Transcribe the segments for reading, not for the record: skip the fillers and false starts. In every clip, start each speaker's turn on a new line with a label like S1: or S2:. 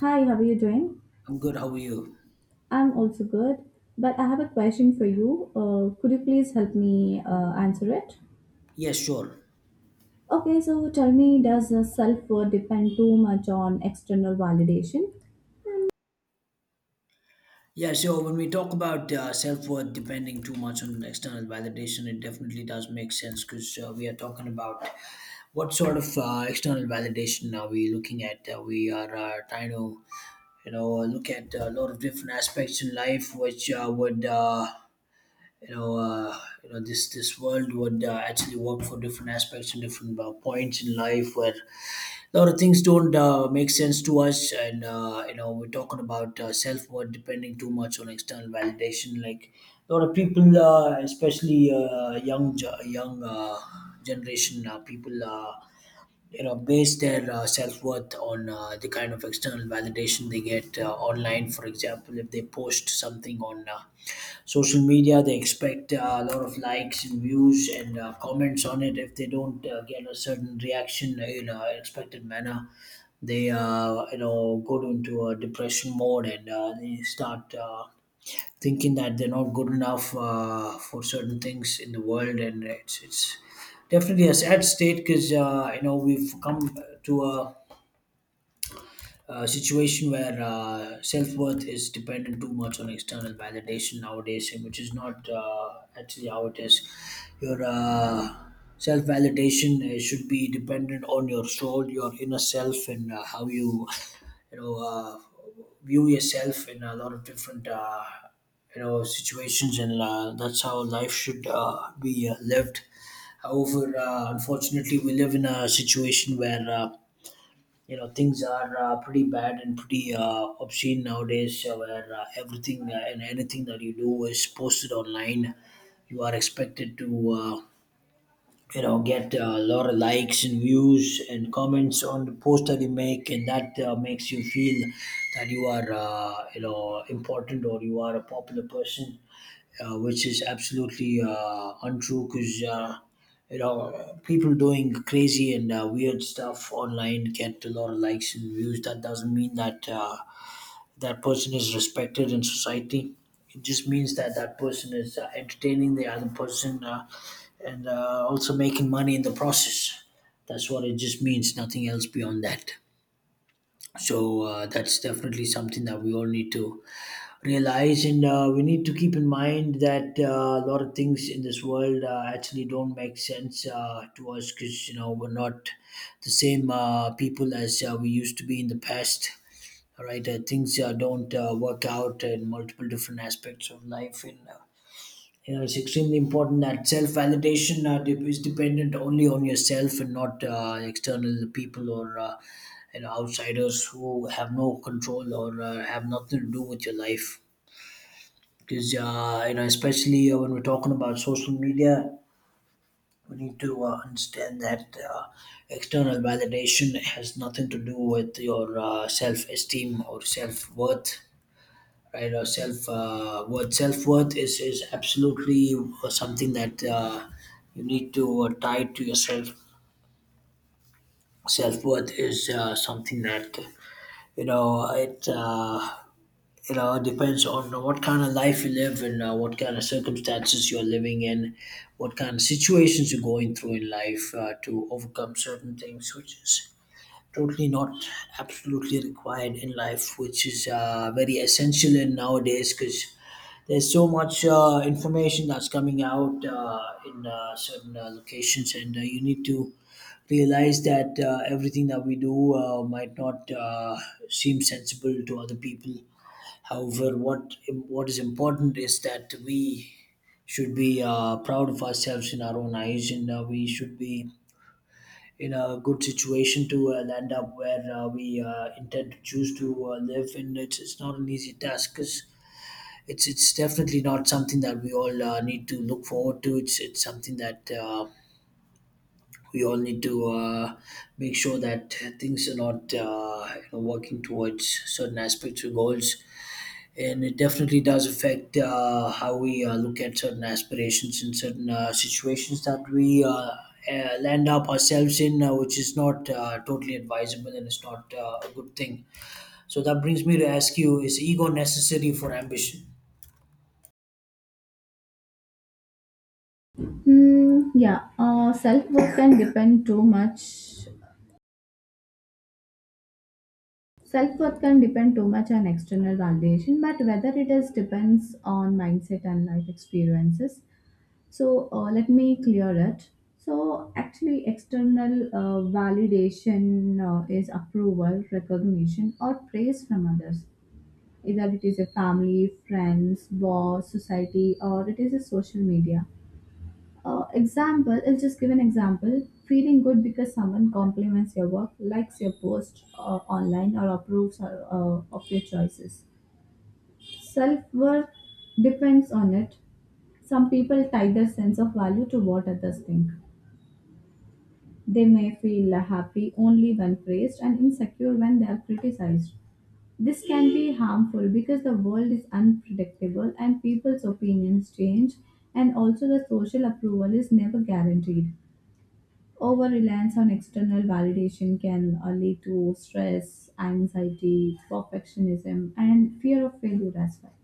S1: Hi, how are you doing?
S2: I'm good. How are you?
S1: I'm also good, but I have a question for you. Could you please help me answer it?
S2: Yes, sure.
S1: Okay, so tell me, does self-worth depend too much on external validation?
S2: Yeah, so when we talk about self worth depending too much on external validation, it definitely does make sense because we are talking about what sort of external validation are we looking at. We are trying to look at a lot of different aspects in life, which would, you know, uh, this world would actually work for different aspects and different points in life where a lot of things don't make sense to us and we're talking about self-worth depending too much on external validation like a lot of people especially young ge- young generation people base their self-worth on the kind of external validation they get online. For example, if they post something on social media, they expect a lot of likes and views and comments on it. If they don't get a certain reaction in an expected manner, they go into a depression mode, and they start thinking that they're not good enough for certain things in the world, and it's definitely a sad state because we've come to a situation where self worth is dependent too much on external validation nowadays, and which is not actually how it is. Your self validation should be dependent on your soul, your inner self, and how you view yourself in a lot of different. Situations, and that's how life should be lived. However, unfortunately, we live in a situation where things are pretty bad and pretty obscene nowadays, where everything and anything that you do is posted online. You are expected to get a lot of likes and views and comments on the post that you make, and that makes you feel that you are important, or you are a popular person, which is absolutely untrue because people doing crazy and weird stuff online get a lot of likes and views. That doesn't mean that that person is respected in society. It just means that that person is entertaining the other person, and also making money in the process. That's what it just means. Nothing else beyond that. So that's definitely something that we all need to realize, and we need to keep in mind that a lot of things in this world actually don't make sense to us, because you know we're not the same people as we used to be in the past. All right, things don't work out in multiple different aspects of life, and it's extremely important that self validation is dependent only on yourself and not external people or outsiders who have no control or have nothing to do with your life, because especially when we're talking about social media, we need to understand that uh, external validation has nothing to do with your self-esteem or self-worth. Right? Or self worth, self-worth is absolutely something that you need to tie to yourself. Self-worth is something that you know it uh, It depends on what kind of life you live, and what kind of circumstances you're living in, what kind of situations you're going through in life to overcome certain things, which is totally not absolutely required in life, which is very essential in nowadays, because there's so much information that's coming out in certain locations, and you need to realize that everything that we do might not seem sensible to other people. However, what is important is that we should be proud of ourselves in our own eyes, and we should be in a good situation to land up where we intend to choose to live. And it's not an easy task, 'cause it's definitely not something that we all need to look forward to. It's something that. We all need to make sure that things are not working towards certain aspects or goals, and it definitely does affect how we look at certain aspirations and certain situations that we land up ourselves in, which is not totally advisable, and it's not a good thing. So that brings me to ask you: Is ego necessary for ambition?
S1: Yeah, self-worth can depend too much. Self-worth can depend too much on external validation, but whether it is depends on mindset and life experiences. So let me clear it. So actually, external validation is approval, recognition, or praise from others. Either it is a family, friends, boss, society, or it is a social media. Example, I'll just give an example. Feeling good because someone compliments your work, likes your post online, or approves of your choices. Self worth depends on it. Some people tie their sense of value to what others think. They may feel happy only when praised and insecure when they are criticized. This can be harmful because the world is unpredictable and people's opinions change, and also the social approval is never guaranteed. Over reliance on external validation can lead to stress, anxiety, perfectionism, and fear of failure as well.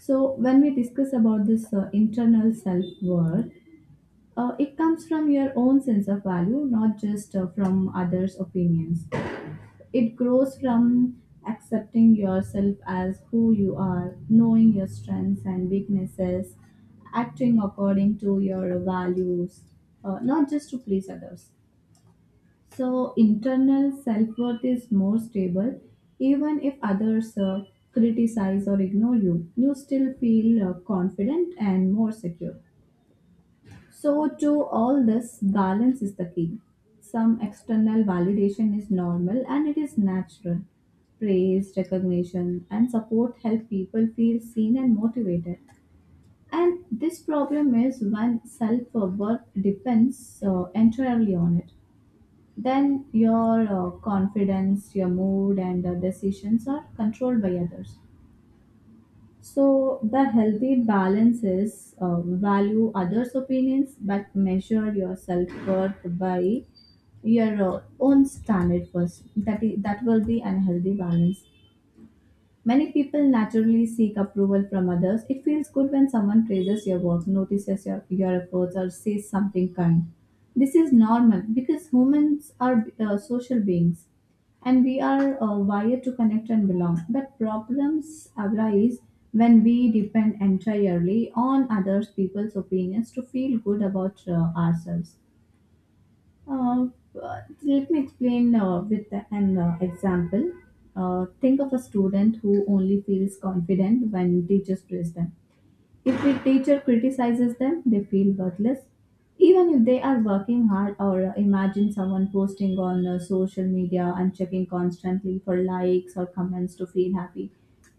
S1: So, when we discuss about this internal self worth, it comes from your own sense of value, not just from others' opinions. It grows from accepting yourself as who you are, knowing your strengths and weaknesses, acting according to your values, not just to please others. So, internal self worth is more stable. Even if others criticize or ignore you, you still feel confident and more secure. So, to all this, balance is the key. Some external validation is normal and it is natural. Praise, recognition, and support help people feel seen and motivated. And this problem is when self worth depends entirely on it. Then your confidence, your mood, and decisions are controlled by others. So the healthy balance is value others' opinions but measure your self worth by your own standard first. That will be unhealthy balance. Many people naturally seek approval from others. It feels good when someone praises your work, notices your efforts, or says something kind. This is normal because humans are social beings and we are wired to connect and belong. But problems arise when we depend entirely on others people's opinions to feel good about ourselves. Uh, let me explain with an example. Think of a student who only feels confident when teachers praise them. If the teacher criticizes them, they feel worthless. Even if they are working hard, or imagine someone posting on social media and checking constantly for likes or comments to feel happy.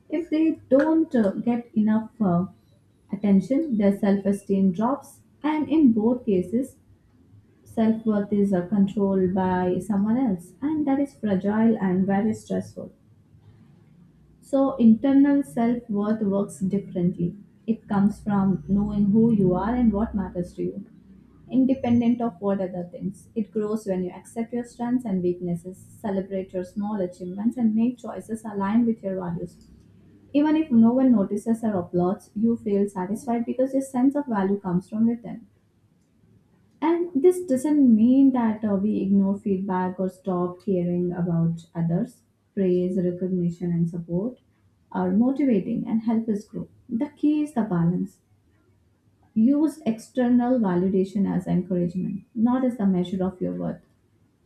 S1: If they don't get enough attention, their self esteem drops, and in both cases, self worth is controlled by someone else, and that is fragile and very stressful. So, internal self worth works differently. It comes from knowing who you are and what matters to you, independent of what other things. It grows when you accept your strengths and weaknesses, celebrate your small achievements, and make choices aligned with your values. Even if no one notices or applauds, you feel satisfied because your sense of value comes from within. And this doesn't mean that we ignore feedback or stop caring about others. Praise, recognition, and support are motivating and help us grow. The key is the balance. Use external validation as encouragement, not as the measure of your worth.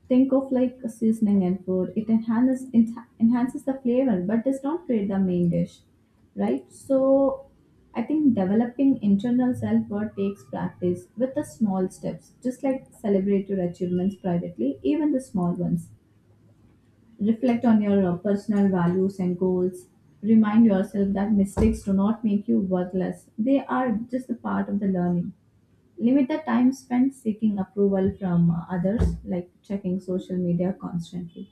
S1: Think of like a seasoning and food. It enhances enhances the flavor, but does not create the main dish, right? So, I think developing internal self worth takes practice with the small steps, just like celebrate your achievements privately, even the small ones. Reflect on your personal values and goals. Remind yourself that mistakes do not make you worthless; they are just a part of the learning. Limit the time spent seeking approval from others, like checking social media constantly.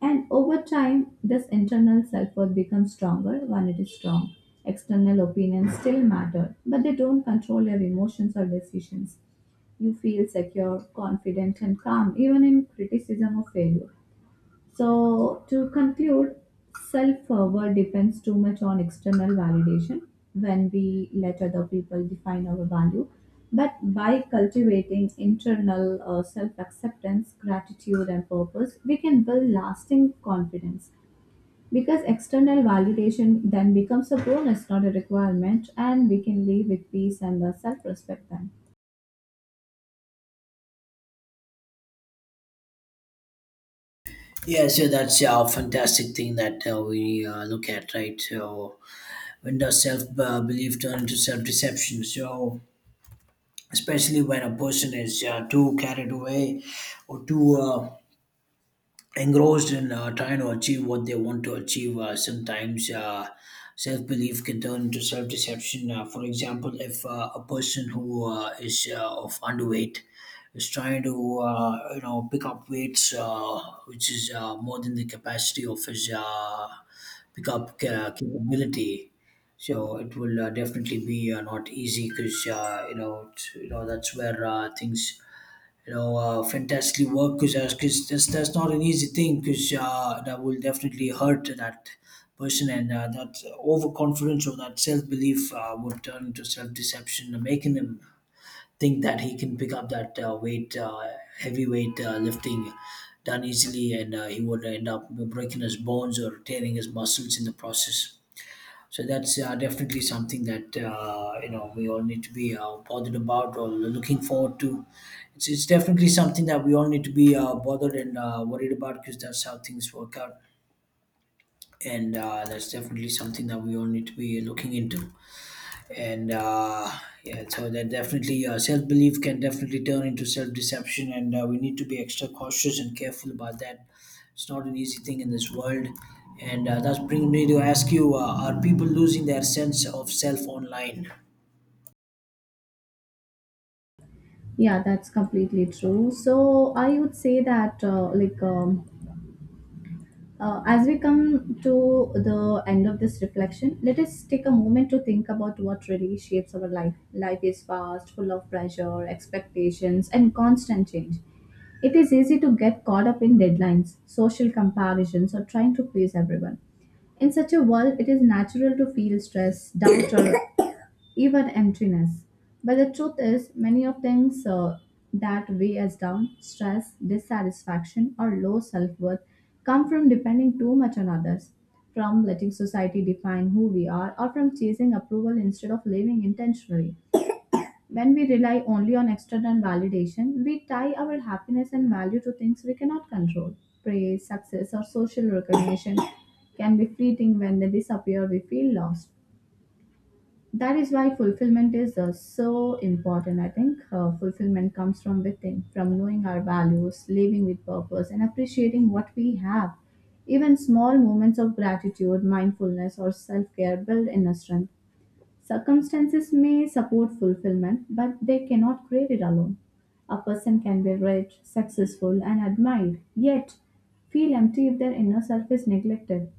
S1: And over time, this internal self worth becomes stronger when it is strong. External opinions still matter, but they don't control your emotions or decisions. You feel secure, confident, and calm even in criticism or failure. So, to conclude, self worth depends too much on external validation when we let other people define our value. But by cultivating internal self acceptance, gratitude, and purpose, we can build lasting confidence because external validation then becomes a bonus, not a requirement, and we can live with peace and self respect then.
S2: Yeah, so that's a fantastic thing that we look at, right? So, when does self belief turn into self deception? So, especially when a person is too carried away, or too engrossed in trying to achieve what they want to achieve. Sometimes self belief can turn into self deception. For example, if a person who is of underweight is trying to pick up weights, which is more than the capacity of his pick up capability. So it will definitely be not easy, because you know it's, you know that's where things fantastically work, because that's not an easy thing, because that will definitely hurt that person, and that overconfidence or that self belief would turn into self deception, making him think that he can pick up that weight, heavy weight lifting done easily, and he would end up breaking his bones or tearing his muscles in the process. So that's definitely something that we all need to be bothered about or looking forward to. It's definitely something that we all need to be bothered and worried about, because that's how things work out, and that's definitely something that we all need to be looking into, and yeah, so that definitely self-belief can definitely turn into self-deception, and we need to be extra cautious and careful about that. It's not an easy thing in this world, and that's bringing me to ask you, are people losing their sense of self online?
S1: Yeah, that's completely true. So I would say that as we come to the end of this reflection, let us take a moment to think about what really shapes our life. Life is fast, full of pressure, expectations, and constant change. It is easy to get caught up in deadlines, social comparisons, or trying to please everyone. In such a world, it is natural to feel stress, doubt, or even emptiness. But the truth is, many of things that weigh us down, stress, dissatisfaction, or low self worth, come from depending too much on others, from letting society define who we are, or from chasing approval instead of living intentionally. When we rely only on external validation, we tie our happiness and value to things we cannot control. Praise, success, or social recognition can be fleeting when they disappear, we feel lost. That is why fulfillment is so important. I think fulfillment comes from within, from knowing our values, living with purpose, and appreciating what we have. Even small moments of gratitude, mindfulness, or self-care build inner strength. Circumstances may support fulfillment, but they cannot create it alone. A person can be rich, successful, and admired, yet feel empty if their inner self is neglected.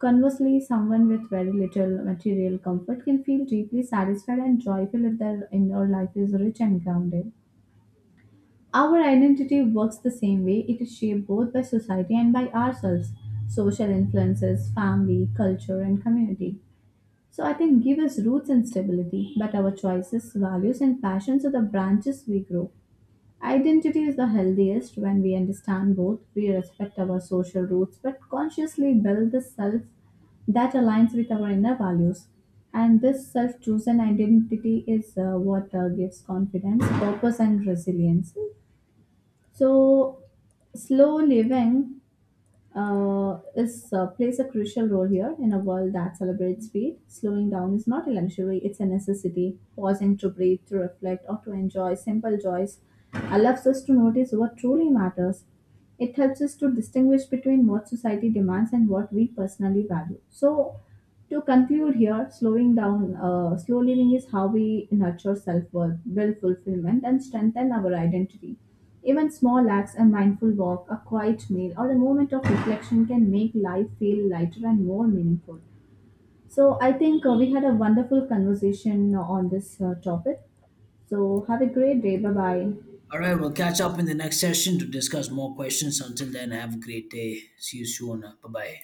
S1: Conversely, someone with very little material comfort can feel deeply satisfied and joyful if their inner life is rich and grounded. Our identity works the same way, it is shaped both by society and by ourselves, social influences, family, culture, and community. So, I think give us roots and stability, but our choices, values, and passions are the branches we grow. Identity is the healthiest when we understand both. We respect our social roots but consciously build the self that aligns with our inner values. And this self chosen identity is what gives confidence, purpose, and resilience. So, slow living is plays a crucial role here in a world that celebrates speed. Slowing down is not a luxury; it's a necessity. Pausing to breathe, to reflect, or to enjoy simple joys allows us to notice what truly matters. It helps us to distinguish between what society demands and what we personally value. So, to conclude here, slow living is how we nurture self-worth, build fulfillment, and strengthen our identity. Even small acts, a mindful walk, a quiet meal, or a moment of reflection can make life feel lighter and more meaningful. So I think we had a wonderful conversation on this topic. So have a great day. Bye bye.
S2: All right, we'll catch up in the next session to discuss more questions. Until then, have a great day. See you soon. Bye bye.